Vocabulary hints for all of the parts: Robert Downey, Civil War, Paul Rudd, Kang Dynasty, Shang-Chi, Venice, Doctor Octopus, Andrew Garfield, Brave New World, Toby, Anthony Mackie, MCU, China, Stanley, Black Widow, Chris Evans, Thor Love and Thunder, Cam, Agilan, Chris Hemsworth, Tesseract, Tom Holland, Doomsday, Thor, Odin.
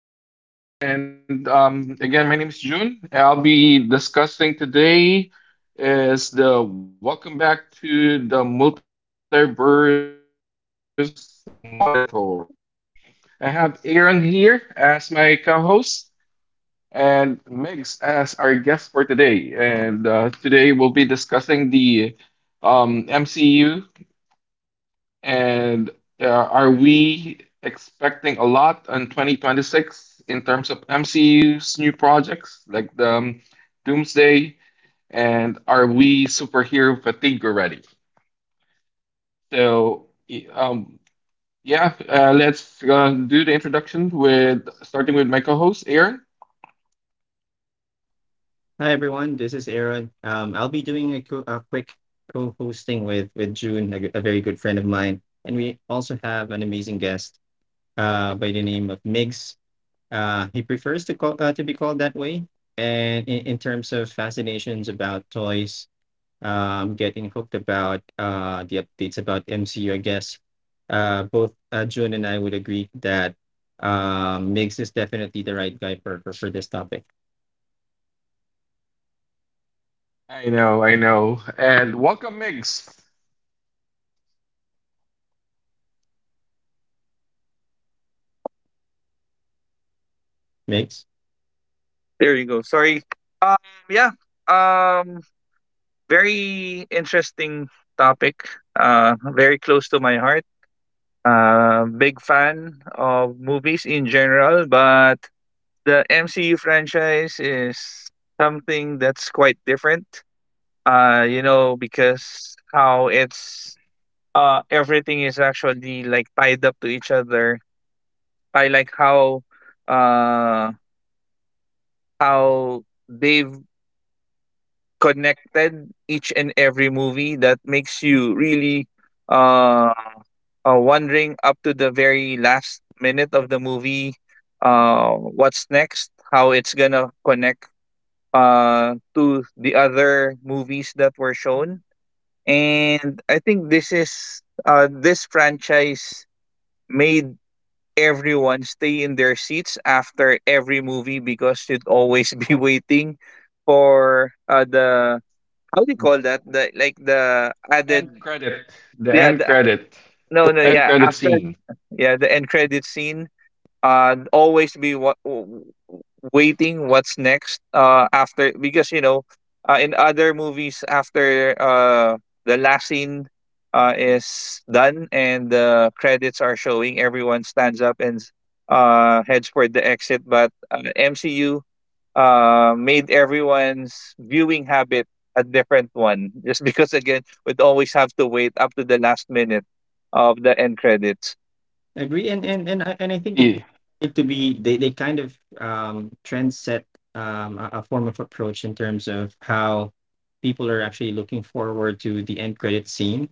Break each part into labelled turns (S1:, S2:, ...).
S1: my podcast. My name is June. I'll be discussing today is the welcome back to the Multiverse Monitor. I have Aaron here as my co-host and Megs as our guest for today. And Today we'll be discussing the MCU and are we expecting a lot in 2026 in terms of MCU's new projects like the Doomsday? And are we superhero fatigue already? So let's do the introduction with starting with my co-host Aaron.
S2: Hi everyone, this is Aaron. I'll be doing a quick co-hosting with June, a very good friend of mine, and we also have an amazing guest by the name of Migs. He prefers to be called that way, and in terms of fascinations about toys, getting hooked about the updates about MCU, I guess both June and I would agree that Migs is definitely the right guy for this topic.
S1: I know, I know. And welcome, Migs.
S2: Migs.
S3: There you go. Sorry. Um, yeah. Um, Very interesting topic. Very close to my heart. Big fan of movies in general, but the MCU franchise is something that's quite different. Because how it's everything is actually like tied up to each other. I like uh how they've connected each and every movie that makes you really uh, wondering up to the very last minute of the movie, what's next, how it's gonna connect to the other movies that were shown. And I think this franchise made everyone stay in their seats after every movie because you'd always be waiting for the how do you call that? The like the
S1: End
S3: added
S1: credit. The
S3: yeah,
S1: end credit.
S3: no no
S1: End
S3: yeah,
S1: credit
S3: after
S1: scene.
S3: yeah, the end credit scene. Always be waiting what's next after because you know, in other movies after the last scene is done and the credits are showing, everyone stands up and heads for the exit. But MCU made everyone's viewing habit a different one just because again we'd always have to wait up to the last minute of the end credits.
S2: I agree, and I think
S1: Yeah.
S2: it to be they kind of trend set a form of approach in terms of how people are actually looking forward to the end credit scene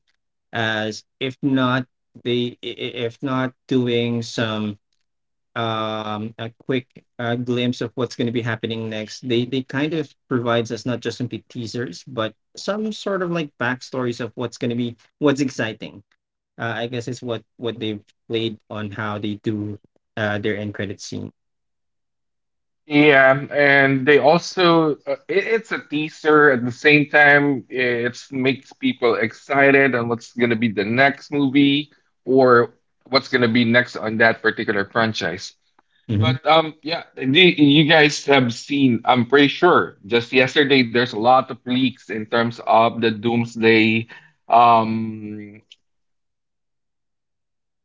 S2: as if not if not doing some a quick glimpse of what's going to be happening next. They kind of provides us not just simply teasers but some sort of like backstories of what's going to be what's exciting. I guess it's what they've played on how they do their end credit scene.
S1: Yeah, and they also it's a teaser at the same time. It makes people excited on what's gonna be the next movie or what's gonna be next on that particular franchise.
S2: hmm
S1: But you guys have seen. I'm pretty sure just yesterday there's a lot of leaks in terms of the Doomsday um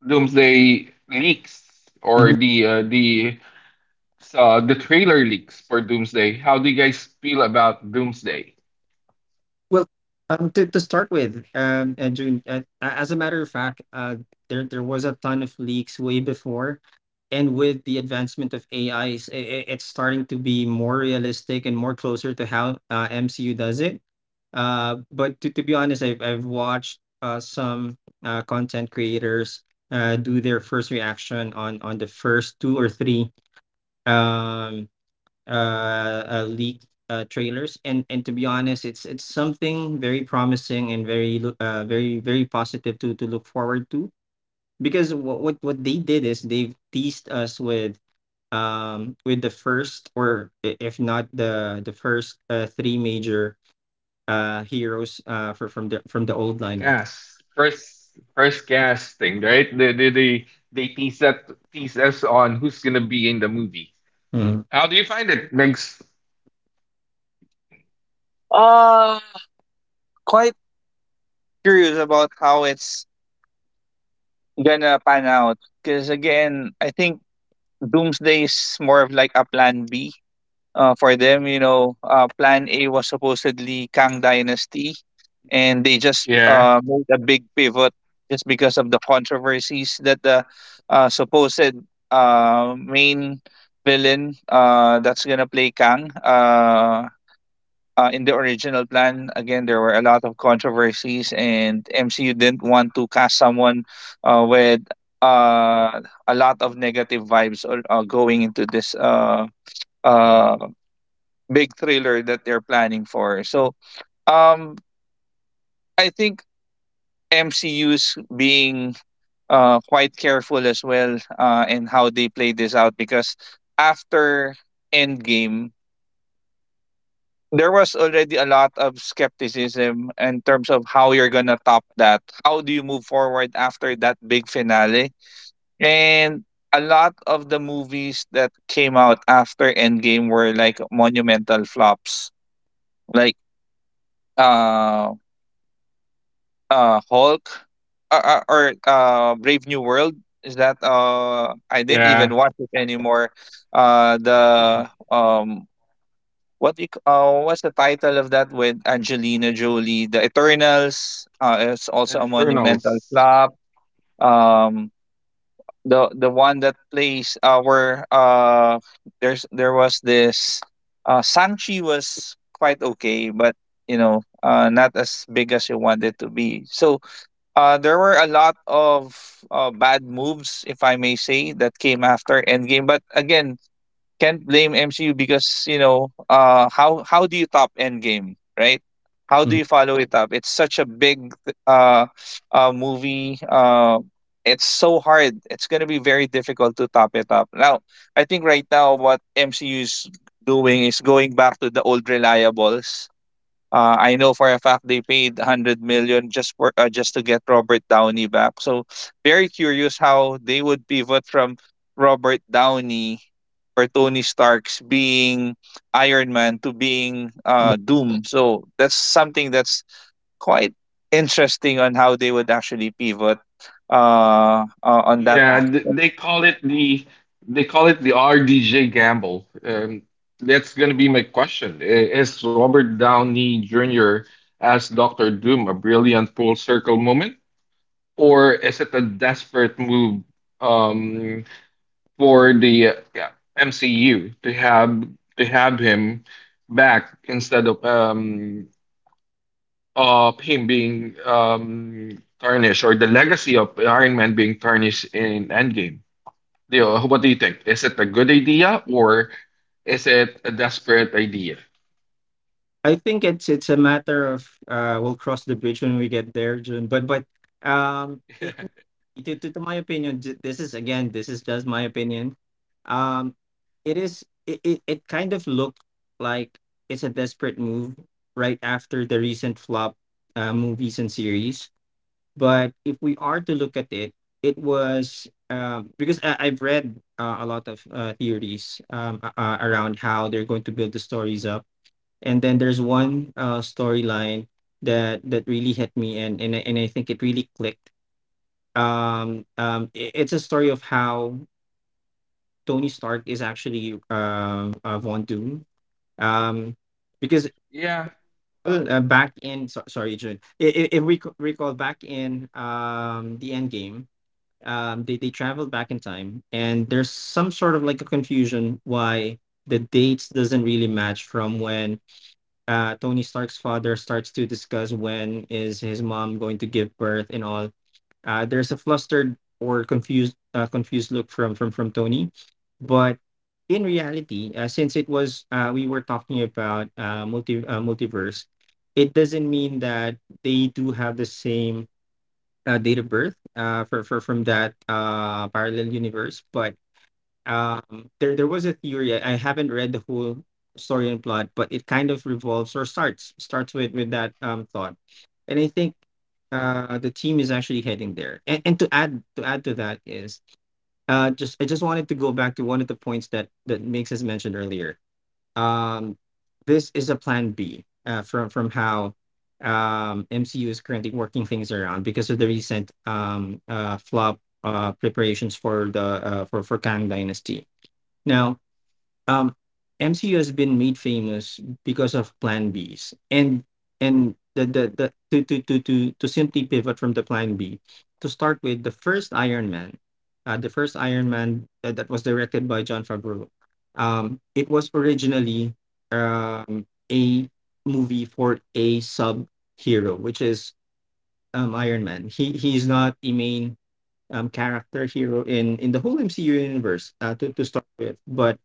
S1: Doomsday leaks or
S2: hmm.
S1: the the trailer leaks for Doomsday. How do you guys feel about Doomsday?
S2: Well, to start with, June, as a matter of fact, there there was a ton of leaks way before, and with the advancement of AI, it's starting to be more realistic and more closer to how MCU does it. But to be honest, I've watched some content creators do their first reaction on the first two or three um leaked trailers, and to be honest it's something very promising and very very positive to look forward to, because what they did is they've teased us with the first, if not the first three major heroes for from the old
S1: The
S2: lineup.
S1: cast first first casting, right? They tease us on who's gonna be in the movie.
S2: Mhm.
S1: How do you find it? Next,
S3: uh Quite curious about how it's gonna pan out because again I think Doomsday is more of like a Plan B, for them. You know, Plan A was supposedly Kang Dynasty, and they just
S1: yeah,
S3: made a big pivot just because of the controversies that the supposed main villain that's gonna play Kang. In the original plan, again, there were a lot of controversies, and MCU didn't want to cast someone with uh, a lot of negative vibes, or going into this uh, big thriller that they're planning for. So um, I think MCU's being quite careful as well in how they play this out because after Endgame, there was already a lot of skepticism in terms of how you're gonna top that. How do you move forward after that big finale? And a lot of the movies that came out after Endgame were like monumental flops. Like uh Hulk, or Brave New World, is that I didn't even
S1: yeah.
S3: watch it anymore. The um what you, what's the title of that with Angelina Jolie? The Eternals, it's also a monumental
S1: Eternals.
S3: flop. Um the one that plays where there's there was this Sanchi was quite okay, but you know not as big as you want it to be. So there were a lot of bad moves, if I may say, that came after Endgame. But again, can't blame MCU because you know, how do you top Endgame, right? How do
S2: Mhm.
S3: you follow it up? It's such a big uh, movie. It's so hard. It's gonna be very difficult to top it up. Now, I think right now what MCU is doing is going back to the old reliables. I know for a fact they paid 100 million just for just to get Robert Downey back. So very curious how they would pivot from Robert Downey or Tony Stark's being Iron Man to being Doom. So that's something that's quite interesting on how they would actually pivot on that
S1: Yeah, th-
S3: aspect.
S1: they call it the RDJ gamble. That's going to be my question. Is Robert Downey Jr. as Doctor Doom a brilliant full circle moment, or is it a desperate move um, for MCU to have him back instead of him being tarnished or the legacy of Iron Man being tarnished in Endgame? Leo, what do you think? Is it a good idea or is it a desperate idea?
S2: I think it's a matter of we'll cross the bridge when we get there, June. But um, i- to, to my opinion, this is again, this is just my opinion. Um, it kind of looked like it's a desperate move right after the recent flop movies and series. But if we are to look at it, it was because I've read a lot of theories around how they're going to build the stories up. And then there's one storyline that really hit me, and and I think it really clicked. It's a story of how Tony Stark is actually Von Doom, um because
S1: Yeah,
S2: well, back in, so sorry Jun, if recall back in the end game, they traveled back in time, and there's some sort of like a confusion why the dates doesn't really match from when Tony Stark's father starts to discuss when is his mom going to give birth and all. There's a flustered or confused confused look from Tony, but in reality, since it was we were talking about multiverse, it doesn't mean that they do have the same date of birth for from that parallel universe. But there there was a theory. I haven't read the whole story and plot, but it kind of revolves or starts with that thought, and I think the team is actually heading there. And, to add to that is, just wanted to go back to one of the points that makes us mentioned earlier. um this is a plan b from how mcu is currently working things around because of the recent flop preparations for the for kang dynasty now. Um, MCU has been made famous because of Plan Bs, and the to simply pivot from the Plan B to start with the first Iron Man, the first Iron Man that was directed by John Favreau. It was originally um, a movie for a sub hero, which is Iron Man. He he's not a main character hero in the whole MCU universe to start with, but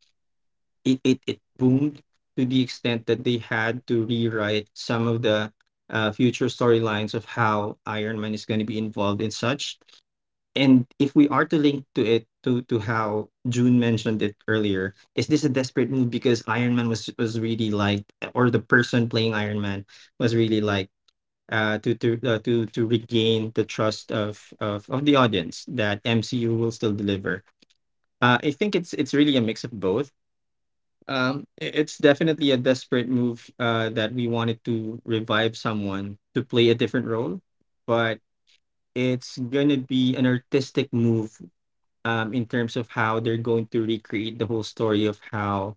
S2: it boomed to the extent that they had to rewrite some of the future storylines of how Iron Man is going to be involved in such. And if we are to link to it to how June mentioned it earlier, is this a desperate move because Iron Man was really like, or the person playing Iron Man was really like to regain the trust of the audience that MCU will still deliver. I think it's really a mix of both. It's definitely a desperate move that we wanted to revive someone to play a different role, but it's gonna be an artistic move in terms of how they're going to recreate the whole story of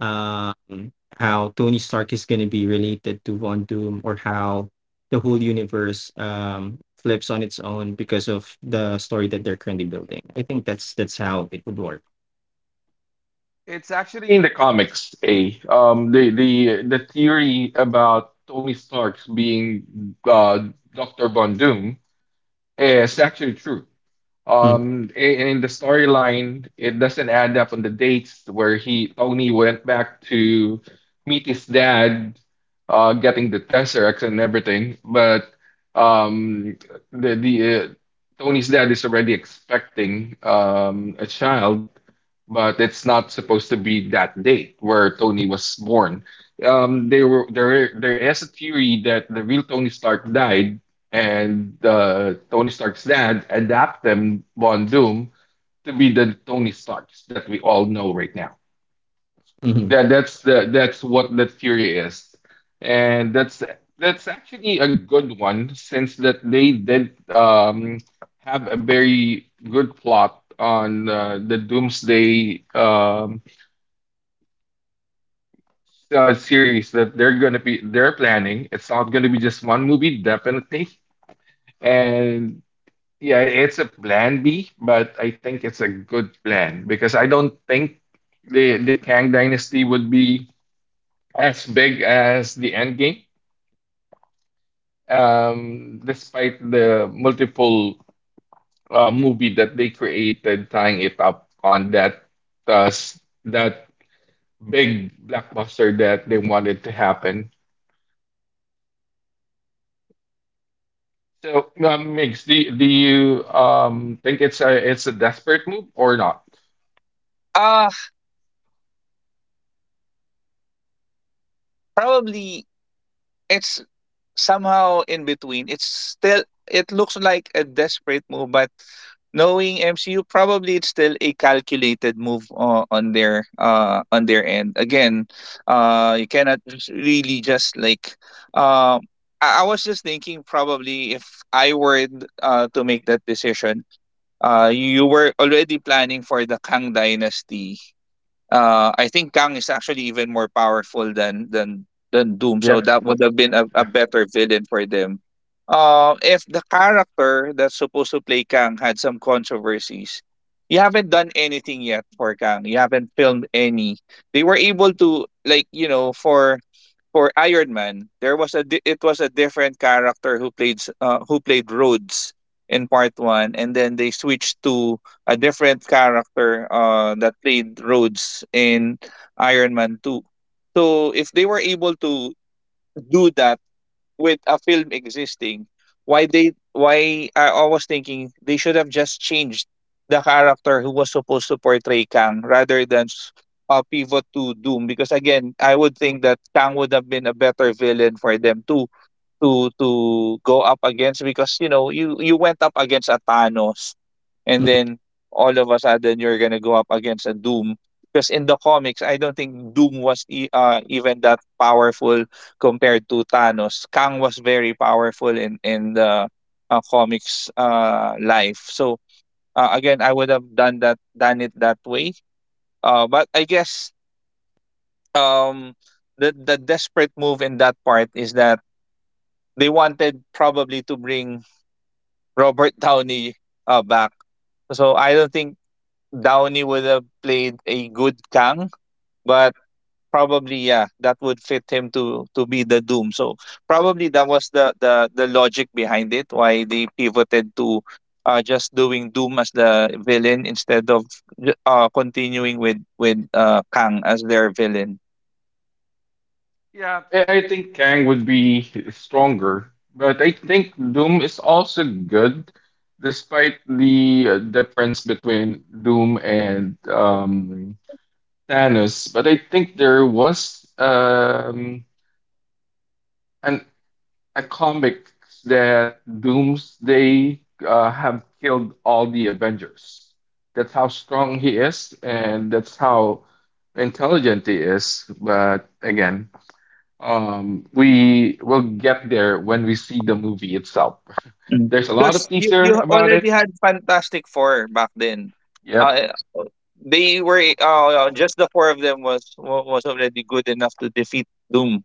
S2: how Tony Stark is gonna be related to Von Doom, or how the whole universe flips on its own because of the story that they're currently building. I think that's how it would work.
S1: it's actually in the comics. A the theory about Tony Stark's being uh Doctor Von Doom is actually true.
S2: Mm,
S1: In in the storyline, it doesn't add up on the dates where he Tony went back to meet his dad, getting the Tesseract and everything. But um, the Tony's dad is already expecting a child, but it's not supposed to be that date where Tony was born. There there is a theory that the real Tony Stark died and Tony Stark's dad adapt them Von Doom to be the Tony Starks that we all know right now.
S2: mhm.
S1: That's what the theory is, and that's actually a good one since that they did have a very good plot on the Doomsday series that they're planning. It's not gonna be just one movie, definitely. And yeah, it's a plan B, but I think it's a good plan because I don't think the Kang Dynasty would be as big as the Endgame, despite the multiple movie that they created tying it up on that big blockbuster that they wanted to happen. So, Migs, do you think it's a desperate move or not?
S3: Uh Probably it's somehow in between. It's still it looks like a desperate move, but knowing MCU, probably it's still a calculated move , on their on their end. Again, you cannot just really just like um. I was just thinking, probably if I were to make that decision, you were already planning for the Kang Dynasty. I think Kang is actually even more powerful than Doom, so
S1: Yep.
S3: that would have been a better villain for them. If the character that's supposed to play Kang had some controversies, you haven't done anything yet for Kang. You haven't filmed any. They were able to like you know for Iron Man, there was it was a different character who played who played Rhodes in part one, and then they switched to a different character that played Rhodes in Iron Man two. So if they were able to do that with a film existing, why I was thinking they should have just changed the character who was supposed to portray Kang rather than pivot to Doom because again I would think that Kang would have been a better villain for them to to to go up against because you know you you went up against a Thanos and
S2: Mhm.
S3: then all of a sudden you're gonna go up against a Doom because in the comics I don't think Doom was even that powerful compared to Thanos. Kang was very powerful in the comics life. So again, I would have done it that way. But I guess um the desperate move in that part is that they wanted probably to bring Robert Downey back. So I don't think Downey would have played a good Kang, but probably yeah, that would fit him to be the Doom. So probably that was the logic behind it, why they pivoted to just doing Doom as the villain instead of continuing with Kang as their villain.
S1: Yeah, I think Kang would be stronger, but I think Doom is also good, despite the difference between Doom and Thanos. But I think there was an a comic that Doomsday have killed all the Avengers. That's how strong he is, and that's how intelligent he is. But again, we will get there when we see the movie itself.
S3: Mm.
S1: There's a lot
S3: Because
S1: of
S3: you
S1: teaser about it.
S3: already had Fantastic Four back then.
S1: Yep,
S3: Uh, uh, they were just the four of them was was already good enough to defeat Doom.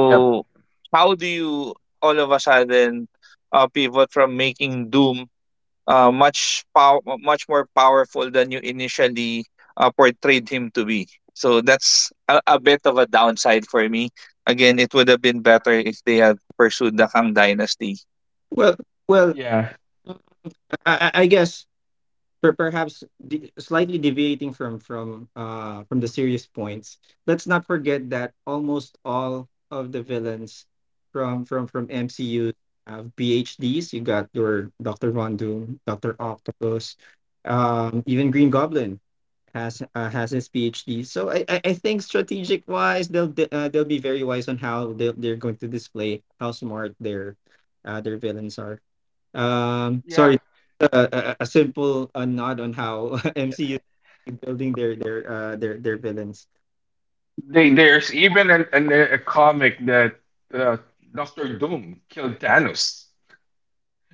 S1: yep,
S3: how do you all of a sudden pivot from making Doom much much more powerful than you initially portrayed him to be? So that's a bit of a downside for me. Again, it would have been better if they had pursued the Kang Dynasty.
S2: Well, well.
S1: yeah,
S2: I guess perhaps slightly deviating from from the serious points. Let's not forget that almost all of the villains from MCU have PhDs. You got your Doctor Von Doom, Doctor Octopus, even Green Goblin has his PhD. So I think strategic wise, they'll be very wise on how they're going to display how smart their villains are. Um,
S1: yeah.
S2: sorry, a simple nod on how MCU is building their villains.
S1: There's even a comic that uh, Doctor Doom killed Thanos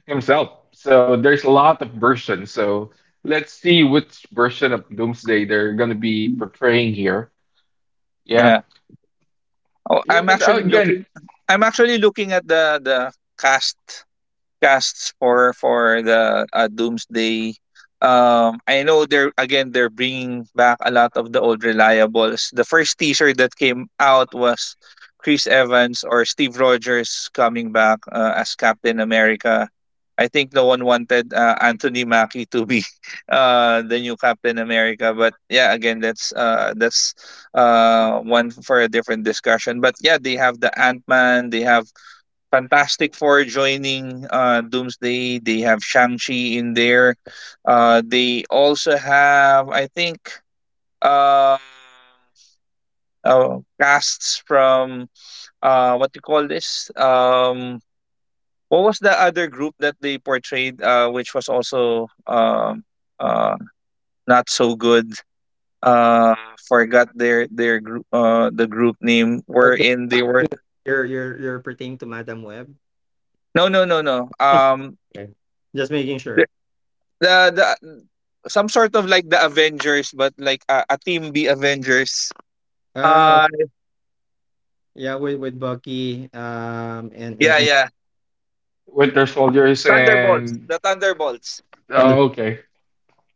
S1: himself. So there's a lot of versions. So let's see which version of Doomsday they're gonna be portraying here. Yeah,
S3: Yeah. Oh,
S1: yeah.
S3: I'm actually looking I'm actually looking at the cast casts for the Doomsday. I know they're again they're bringing back a lot of the old reliables. The first teaser that came out was Chris Evans or Steve Rogers coming back as Captain America. I think no one wanted Anthony Mackie to be the new Captain America, but yeah, again that's one for a different discussion. But yeah, they have the Ant Man, they have Fantastic Four joining Doomsday. They have Shang-Chi in there. They also have, I think, uh, casts from what do you call this? What was the other group that they portrayed, which was also uh, not so good? Uh, Forgot their group, the group name.
S2: But
S3: Wherein they were
S2: you're you're pertaining to Madam Web.
S3: no, no, no, no. Um,
S2: Okay. Just making sure.
S3: the the some sort of like the Avengers, but like a team B Avengers.
S2: Uh,
S3: Uh
S2: yeah, with Bucky,
S3: yeah,
S2: and
S3: yeah.
S1: Winter Soldiers
S3: Thunderbolts.
S1: and
S3: The Thunderbolts.
S2: Thunder.
S1: oh, okay.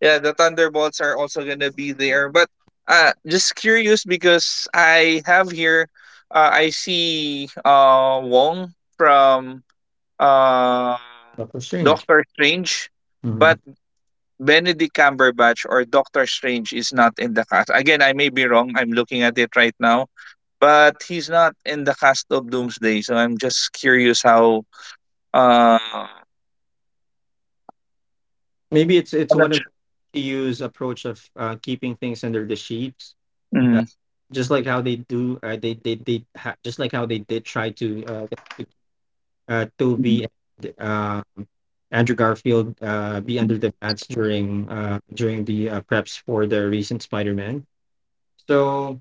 S3: Yeah, the Thunderbolts are also gonna be there. But just curious because I have here I see Wong from uh
S2: Doctor Strange.
S3: Doctor Strange.
S2: Mhm.
S3: But Benedict Cumberbatch or Doctor Strange is not in the cast. Again, I may be wrong. I'm looking at it right now, but he's not in the cast of Doomsday. So I'm just curious how. Uh,
S2: Maybe it's
S3: I'm
S2: one
S3: not sure.
S2: of the use approach of keeping things under the sheets. Uh,
S3: Mm.
S2: just like how they do, just like how they did try to Toby and Andrew Garfield be under the mats during during the preps for the recent Spider-Man. So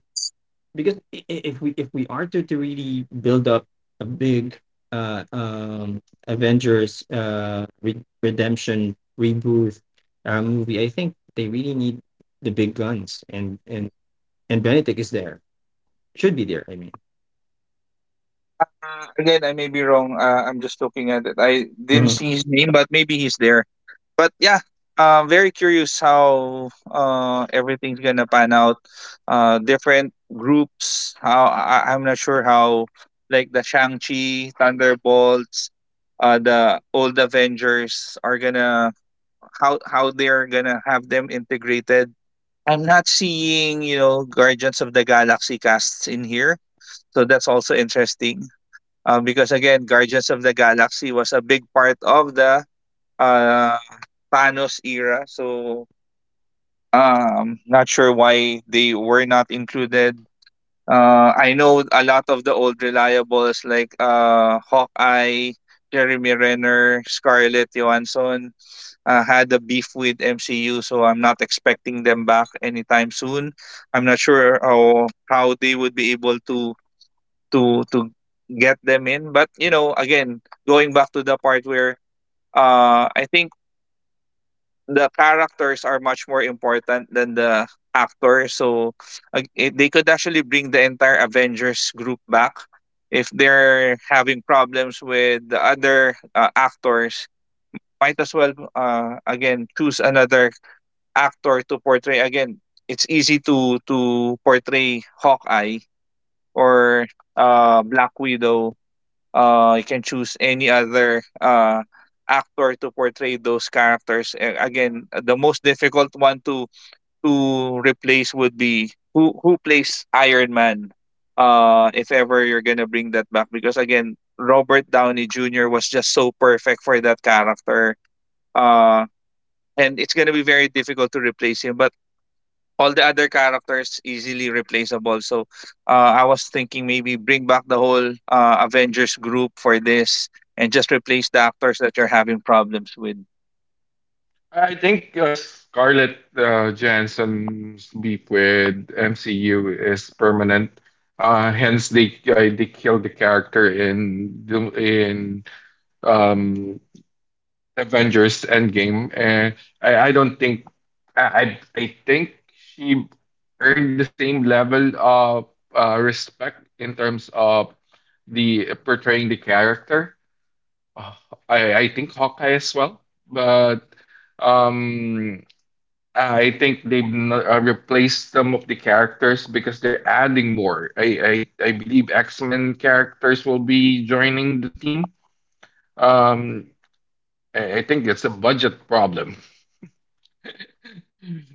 S2: because if we are to really build up a big uh, um, Avengers redemption reboot movie, I think they really need the big guns, and and Benedict is there should be there. I mean.
S3: Again, I may be wrong. I'm just looking at it. I didn't see his name, but maybe he's there. But yeah, very curious how everything's gonna pan out. Different groups. How I, I'm not sure how like the Shang Chi, Thunderbolts, the old Avengers are gonna how they're gonna have them integrated. I'm not seeing you know Guardians of the Galaxy casts in here, so that's also interesting. Because again, Guardians of the Galaxy was a big part of the uh, Thanos era. So not sure why they were not included. I know a lot of the old reliables like Hawkeye, Jeremy Renner, Scarlett Johansson had a beef with MCU, so I'm not expecting them back anytime soon. I'm not sure how they would be able to to to get them in, but you know, again, going back to the part where I think the characters are much more important than the actor. So they could actually bring the entire Avengers group back if they're having problems with the other actors. Might as well again choose another actor to portray. Again, it's easy to portray Hawkeye or Black Widow. You can choose any other actor to portray those characters. A- again The most difficult one to replace would be who plays Iron Man, if ever you're gonna bring that back, because again, Robert Downey Jr. was just so perfect for that character. uh and it's gonna be very difficult to replace him, but all the other characters easily replaceable. So I was thinking maybe bring back the whole Avengers group for this and just replace the actors that you're having problems with.
S1: I think Scarlett Johansson's beef with MCU is permanent. Hence, they killed the character in um, Avengers Endgame, and I don't think I think she earned the same level of respect in terms of the portraying the character. Uh, I think Hawkeye as well, but. Um, I think they've replaced some of the characters because they're adding more. I believe X-Men characters will be joining the team. Um, I think it's a budget problem.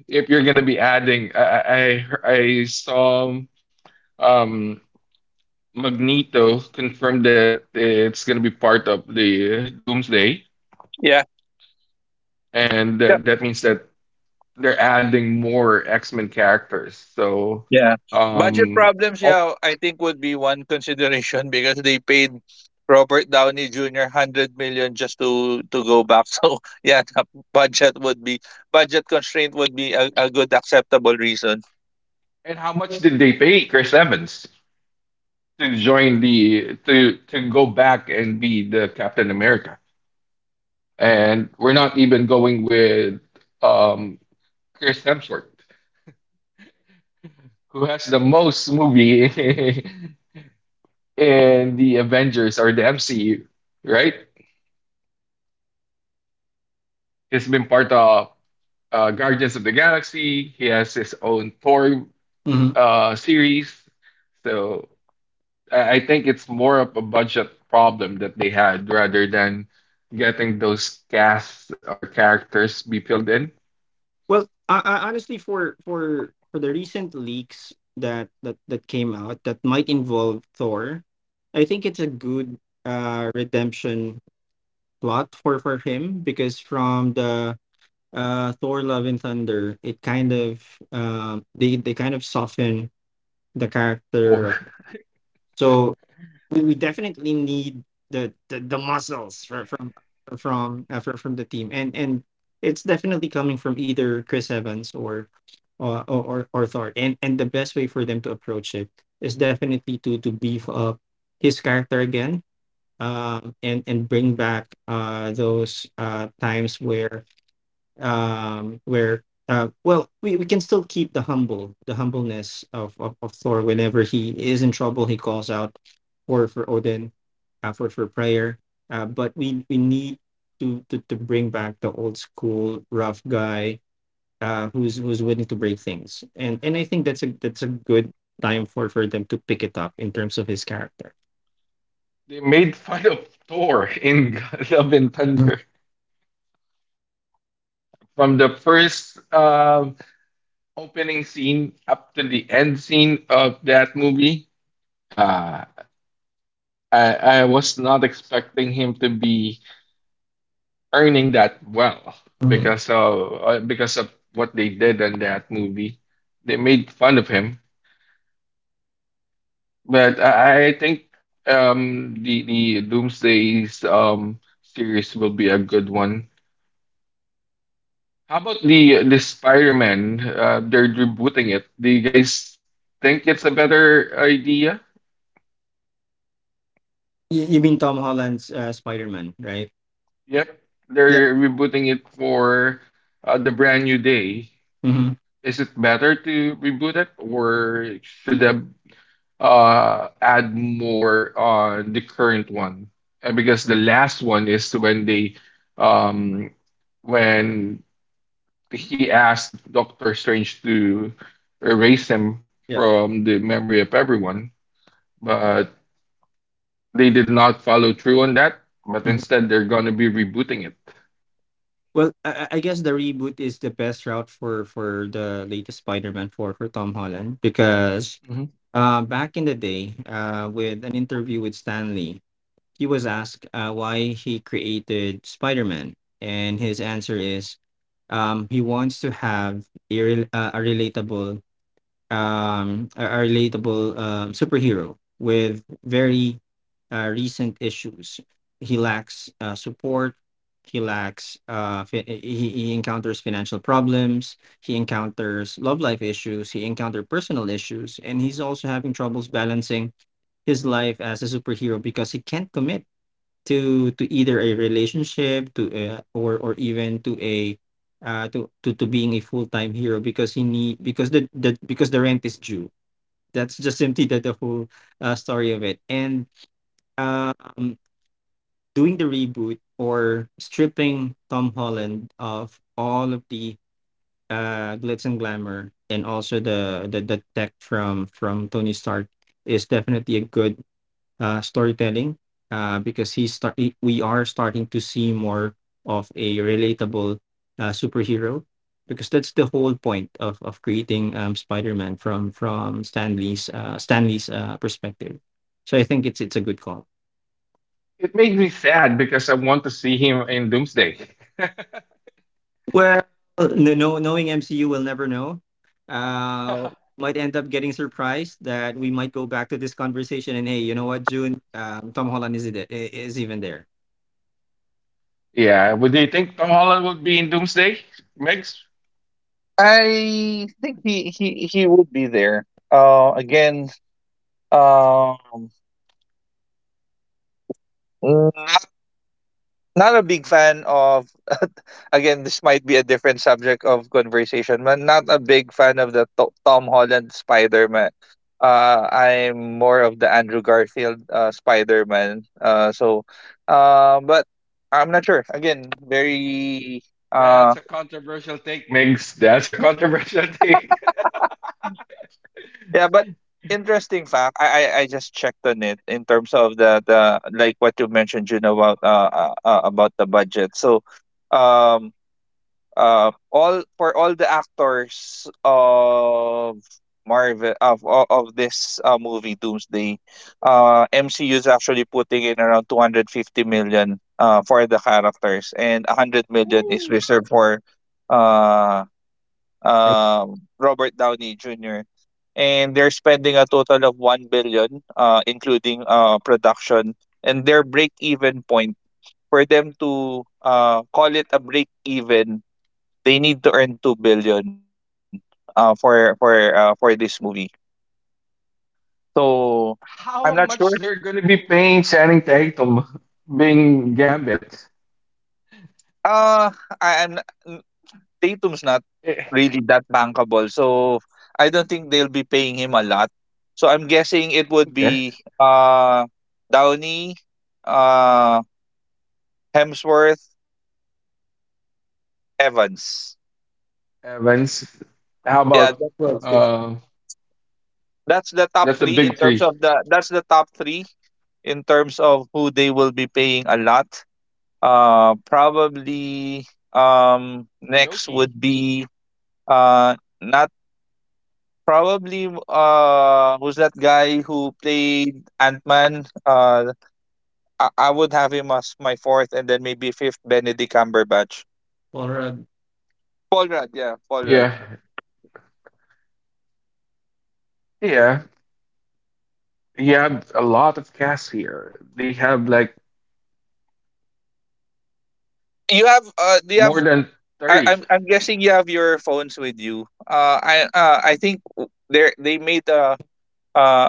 S1: If you're gonna be adding, I saw um Magneto confirmed that it's gonna be part of the Doomsday,
S3: Yeah.
S1: and
S3: Yeah.
S1: that means that they're adding more X-Men characters.
S3: Yeah. Budget
S1: Um.
S3: problems, yeah, I think would be one consideration because they paid Robert Downey Jr. 100 million just to go back. So, yeah, the budget would be budget constraint would be a good acceptable reason.
S1: And how much did they pay Chris Evans to join the to go back and be the Captain America? And we're not even going with um Chris Hemsworth, who has the most movie in the Avengers or the MCU, right? He's been part of Guardians of the Galaxy. He has his own Thor
S2: Mhm.
S1: series. So I think it's more of a budget problem that they had rather than getting those casts or characters be filled in.
S2: Well, I honestly, for the recent leaks that that came out that might involve Thor, I think it's a good redemption plot for him, because from the Thor Love and Thunder, it kind of they kind of soften the
S1: Thor.
S2: character. So we definitely need the muscles for, from for, from the team, and it's definitely coming from either Chris Evans or or Thor. And the best way for them to approach it is definitely to beef up his character again, and bring back those times where well we can still keep the humbleness of Thor. Whenever he is in trouble he calls out for Odin for prayer. But we need to bring back the old school rough guy who's willing to break things, and I think that's a good time for them to pick it up in terms of his character.
S1: They made fun of Thor in Love and Thunder from the first opening scene up to the end scene of that movie. Uh, I I was not expecting him to be earning that well
S2: Mm.
S1: because of what they did in that movie. They made fun of him, but I think the Doomsday's series will be a good one. How about the Spider-Man? They're rebooting it. Do you guys think it's a better idea?
S2: You mean Tom Holland's Spider Man, right?
S1: Yep,
S2: Yeah.
S1: they're rebooting it for the brand new day.
S2: Hmm.
S1: Is it better to reboot it, or should the add more on the current one? Because the last one is when they um when he asked Doctor Strange to erase him
S2: Yeah.
S1: from the memory of everyone, but they did not follow through on that. But instead, they're gonna be rebooting it.
S2: Well, I guess the reboot is the best route for the latest Spider-Man for Tom Holland, because
S1: Mhm.
S2: back in the day, with an interview with Stanley, he was asked why he created Spider-Man, and his answer is, he wants to have a relatable a relatable superhero with very recent issues. He lacks support. He lacks. He encounters financial problems. He encounters love life issues. He encounters personal issues, and he's also having troubles balancing his life as a superhero because he can't commit to either a relationship, to or even to a to being a full-time hero because he need because the rent is due. That's just simply the whole story of it. And um Doing the reboot or stripping Tom Holland of all of the glitz and glamour, and also the tech from Tony Stark is definitely a good storytelling, because we are starting to see more of a relatable superhero, because that's the whole point of creating Spider-Man from Stanley's perspective. So I think it's a good call.
S1: It made me sad because I want to see him in Doomsday.
S2: Well, no, no, knowing MCU, we'll never know. Uh, might end up getting surprised that we might go back to this conversation and, hey, you know what, June, Tom Holland is even there.
S1: Yeah, would you think Tom Holland would be in Doomsday, Megs?
S3: I think he would be there. Uh again, Um, Not, not a big fan of. Again, this might be a different subject of conversation, but not a big fan of the Tom Holland Spider Man. I'm more of the Andrew Garfield Spider Man. But I'm not sure. Again, very uh,
S1: That's a controversial take, Migs. That's a controversial take.
S3: yeah, but interesting fact. I just checked on it in terms of the like what you mentioned, June, about the budget. So, um all for all the actors of Marvel of this movie Doomsday, MCU is actually putting in around 250 million for the characters, and 100 million is
S1: Woo.
S3: reserved for uh
S2: Are-
S3: Robert Downey Jr. And they're spending a total of 1 billion including production, and their break even point, for them to call it a break even, they need to earn 2 billion for this movie. So I'm
S1: How
S3: not sure.
S1: much they're gonna be paying Channing Tatum being Gambit?
S3: Uh I, I'm not- n- Tatum's not
S1: Eh,
S3: really that bankable. So I don't think they'll be paying him a lot. So I'm guessing it would
S1: okay,
S3: be Downey, uh Hemsworth, Evans.
S1: Evans. How
S3: Yeah,
S1: about
S3: that,
S2: Well, big
S1: uh?
S3: that's the top
S1: That's the
S3: 3 in
S1: big
S3: terms
S1: three.
S3: of the top 3 in terms of who they will be paying a lot. Probably
S1: Loki.
S3: next would be uh not probably who's that guy who played Ant Man? I would have him as my fourth, and then maybe fifth Benedict Cumberbatch.
S2: horror.
S3: Paul Rudd, yeah, Paul
S1: Yeah,
S3: Rudd.
S1: yeah. You have a lot of cast here. They have like
S3: You have do you have?
S1: more than
S3: I,
S1: 30.
S3: I'm I'm guessing you have your phones with you. I think there they made uh,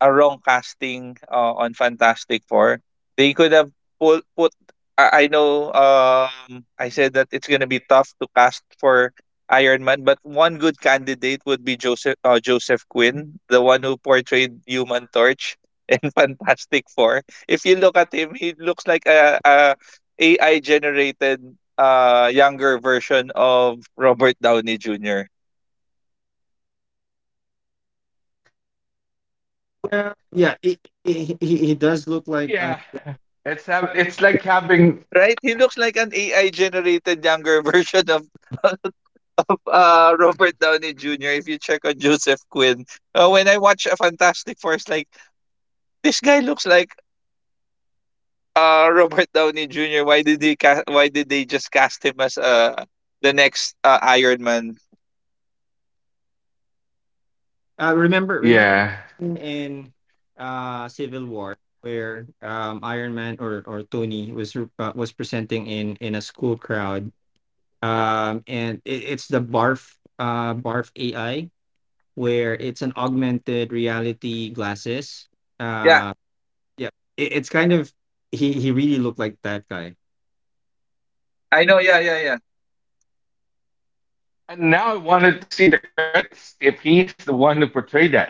S3: a wrong casting on Fantastic Four. They could have put I know, I said that it's gonna be tough to cast for Iron Man, but one good candidate would be Joseph Quinn, the one who portrayed Human Torch in Fantastic Four. If you look at him, he looks like a AI generated younger version of Robert Downey Jr.
S1: Yeah,
S2: Well, yeah,
S1: it's have it's
S2: he
S1: like
S2: does look
S1: having
S2: like.
S3: Right? He looks like an AI generated younger version of of Robert Downey Jr. If you check on Joseph Quinn, when I watch a Fantastic Four, it's like this guy looks like Robert Downey Jr. Why did they why did they just cast him as the next Iron Man?
S2: Remember, remember
S1: yeah.
S2: in Civil War where Iron Man or Tony was was presenting in a school crowd, and it's the Barf, Barf AI, where it's an augmented reality glasses.
S3: Yeah,
S2: Uh, yeah, it's kind of, he really looked like that guy.
S3: I know. Yeah, yeah, yeah.
S1: And now I wanted to see the credits if he's the one who portrayed that.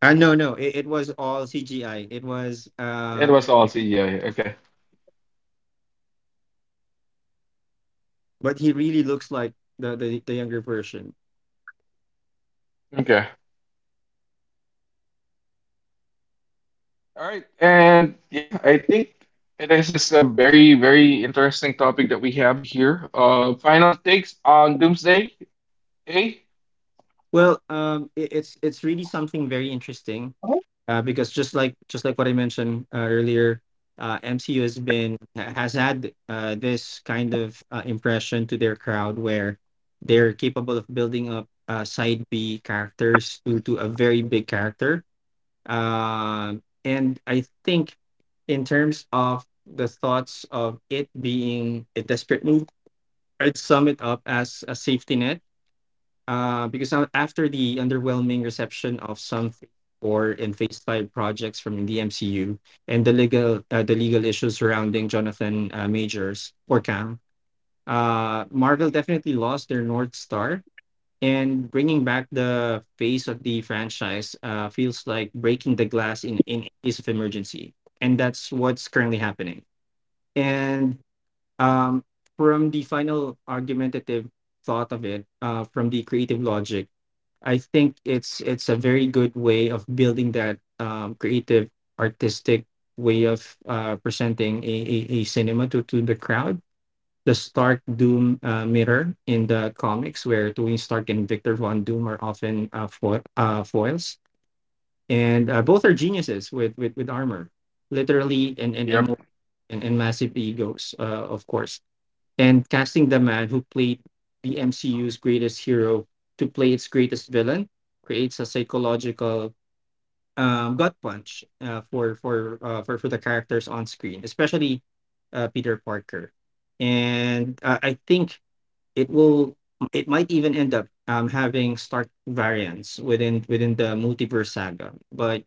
S2: No, no, it was all CGI. It was.
S1: It was all CGI. Okay.
S2: But he really looks like the younger version.
S1: Okay. All right. And yeah, I think this is a very, very interesting topic that we have here. Final takes on Doomsday, eh?
S2: Well, it's really something very interesting,
S3: Mhm.
S2: because just like what I mentioned earlier, MCU has has had this kind of impression to their crowd, where they're capable of building up side B characters to a very big character. Um and I think, in terms of the thoughts of it being a desperate move, I'd sum it up as a safety net, because after the underwhelming reception of some Phase 4 and Phase 5 projects from the MCU, and the legal, the legal issues surrounding Jonathan, Majors or Cam, Marvel definitely lost their North Star. And bringing back the face of the franchise feels like breaking the glass in case of emergency. And that's what's currently happening. And um, from the final argumentative thought of it, from the creative logic, I think it's a very good way of building that creative, artistic way of presenting a cinema to the crowd. The Stark Doom mirror in the comics, where Tony Stark and Victor Von Doom are often, foils, and both are geniuses with armor, literally,
S1: Yep.
S2: and massive egos, of course. And casting the man who played the MCU's greatest hero to play its greatest villain creates a psychological, gut punch, for the characters on screen, especially Peter Parker. And I think it will, it might even end up, having stark variants within the multiverse saga. But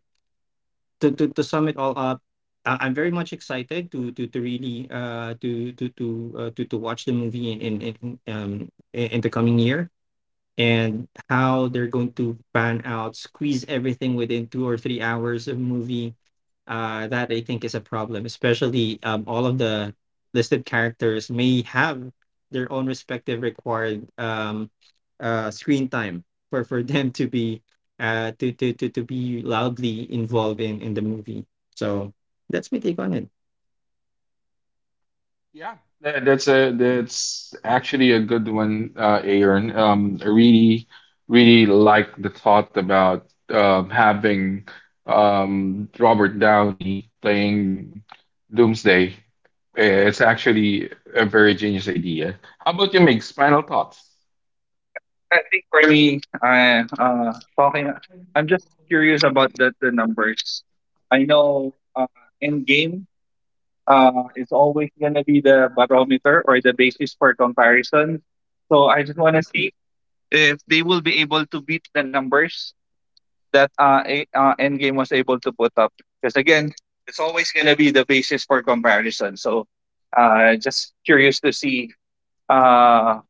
S2: to sum it all up, I'm very much excited to really to watch the movie um, in the coming year, and how they're going to pan out, squeeze everything within two or three hours of movie. That I think is a problem, especially all of the listed characters may have their own respective required, screen time for, them to be, to be loudly involved in the movie. So that's my take on it.
S1: Yeah, that's actually a good one, Aaron. I really, really like the thought about having Robert Downey playing Doomsday. Eh, it's actually a very genius idea. How about you make final thoughts?
S3: I think for me, I talking. I'm just curious about the numbers. I know Endgame is always going to be the barometer or the basis for comparison. So I just want to see if they will be able to beat the numbers that Endgame was able to put up. Because again, it's always going to be the basis for comparison. So just curious to see uh,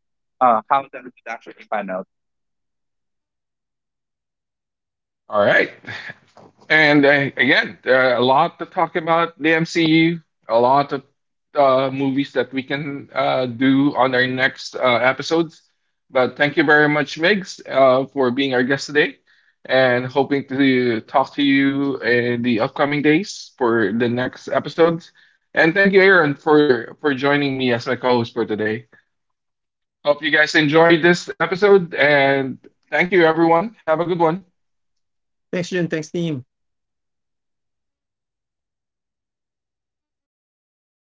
S3: how that would actually pan out.
S1: All right. And again, there are a lot to talk about the MCU, a lot of movies that we can do on our next episodes. But thank you very much, Migs, for being our guest today and hoping to talk to you in the upcoming days for the next episodes. And thank you, Aaron, for joining me as my co host for today. Hope you guys enjoyed this episode and thank you, everyone. Have a good one.
S2: Thanks, Jun. Thanks, team.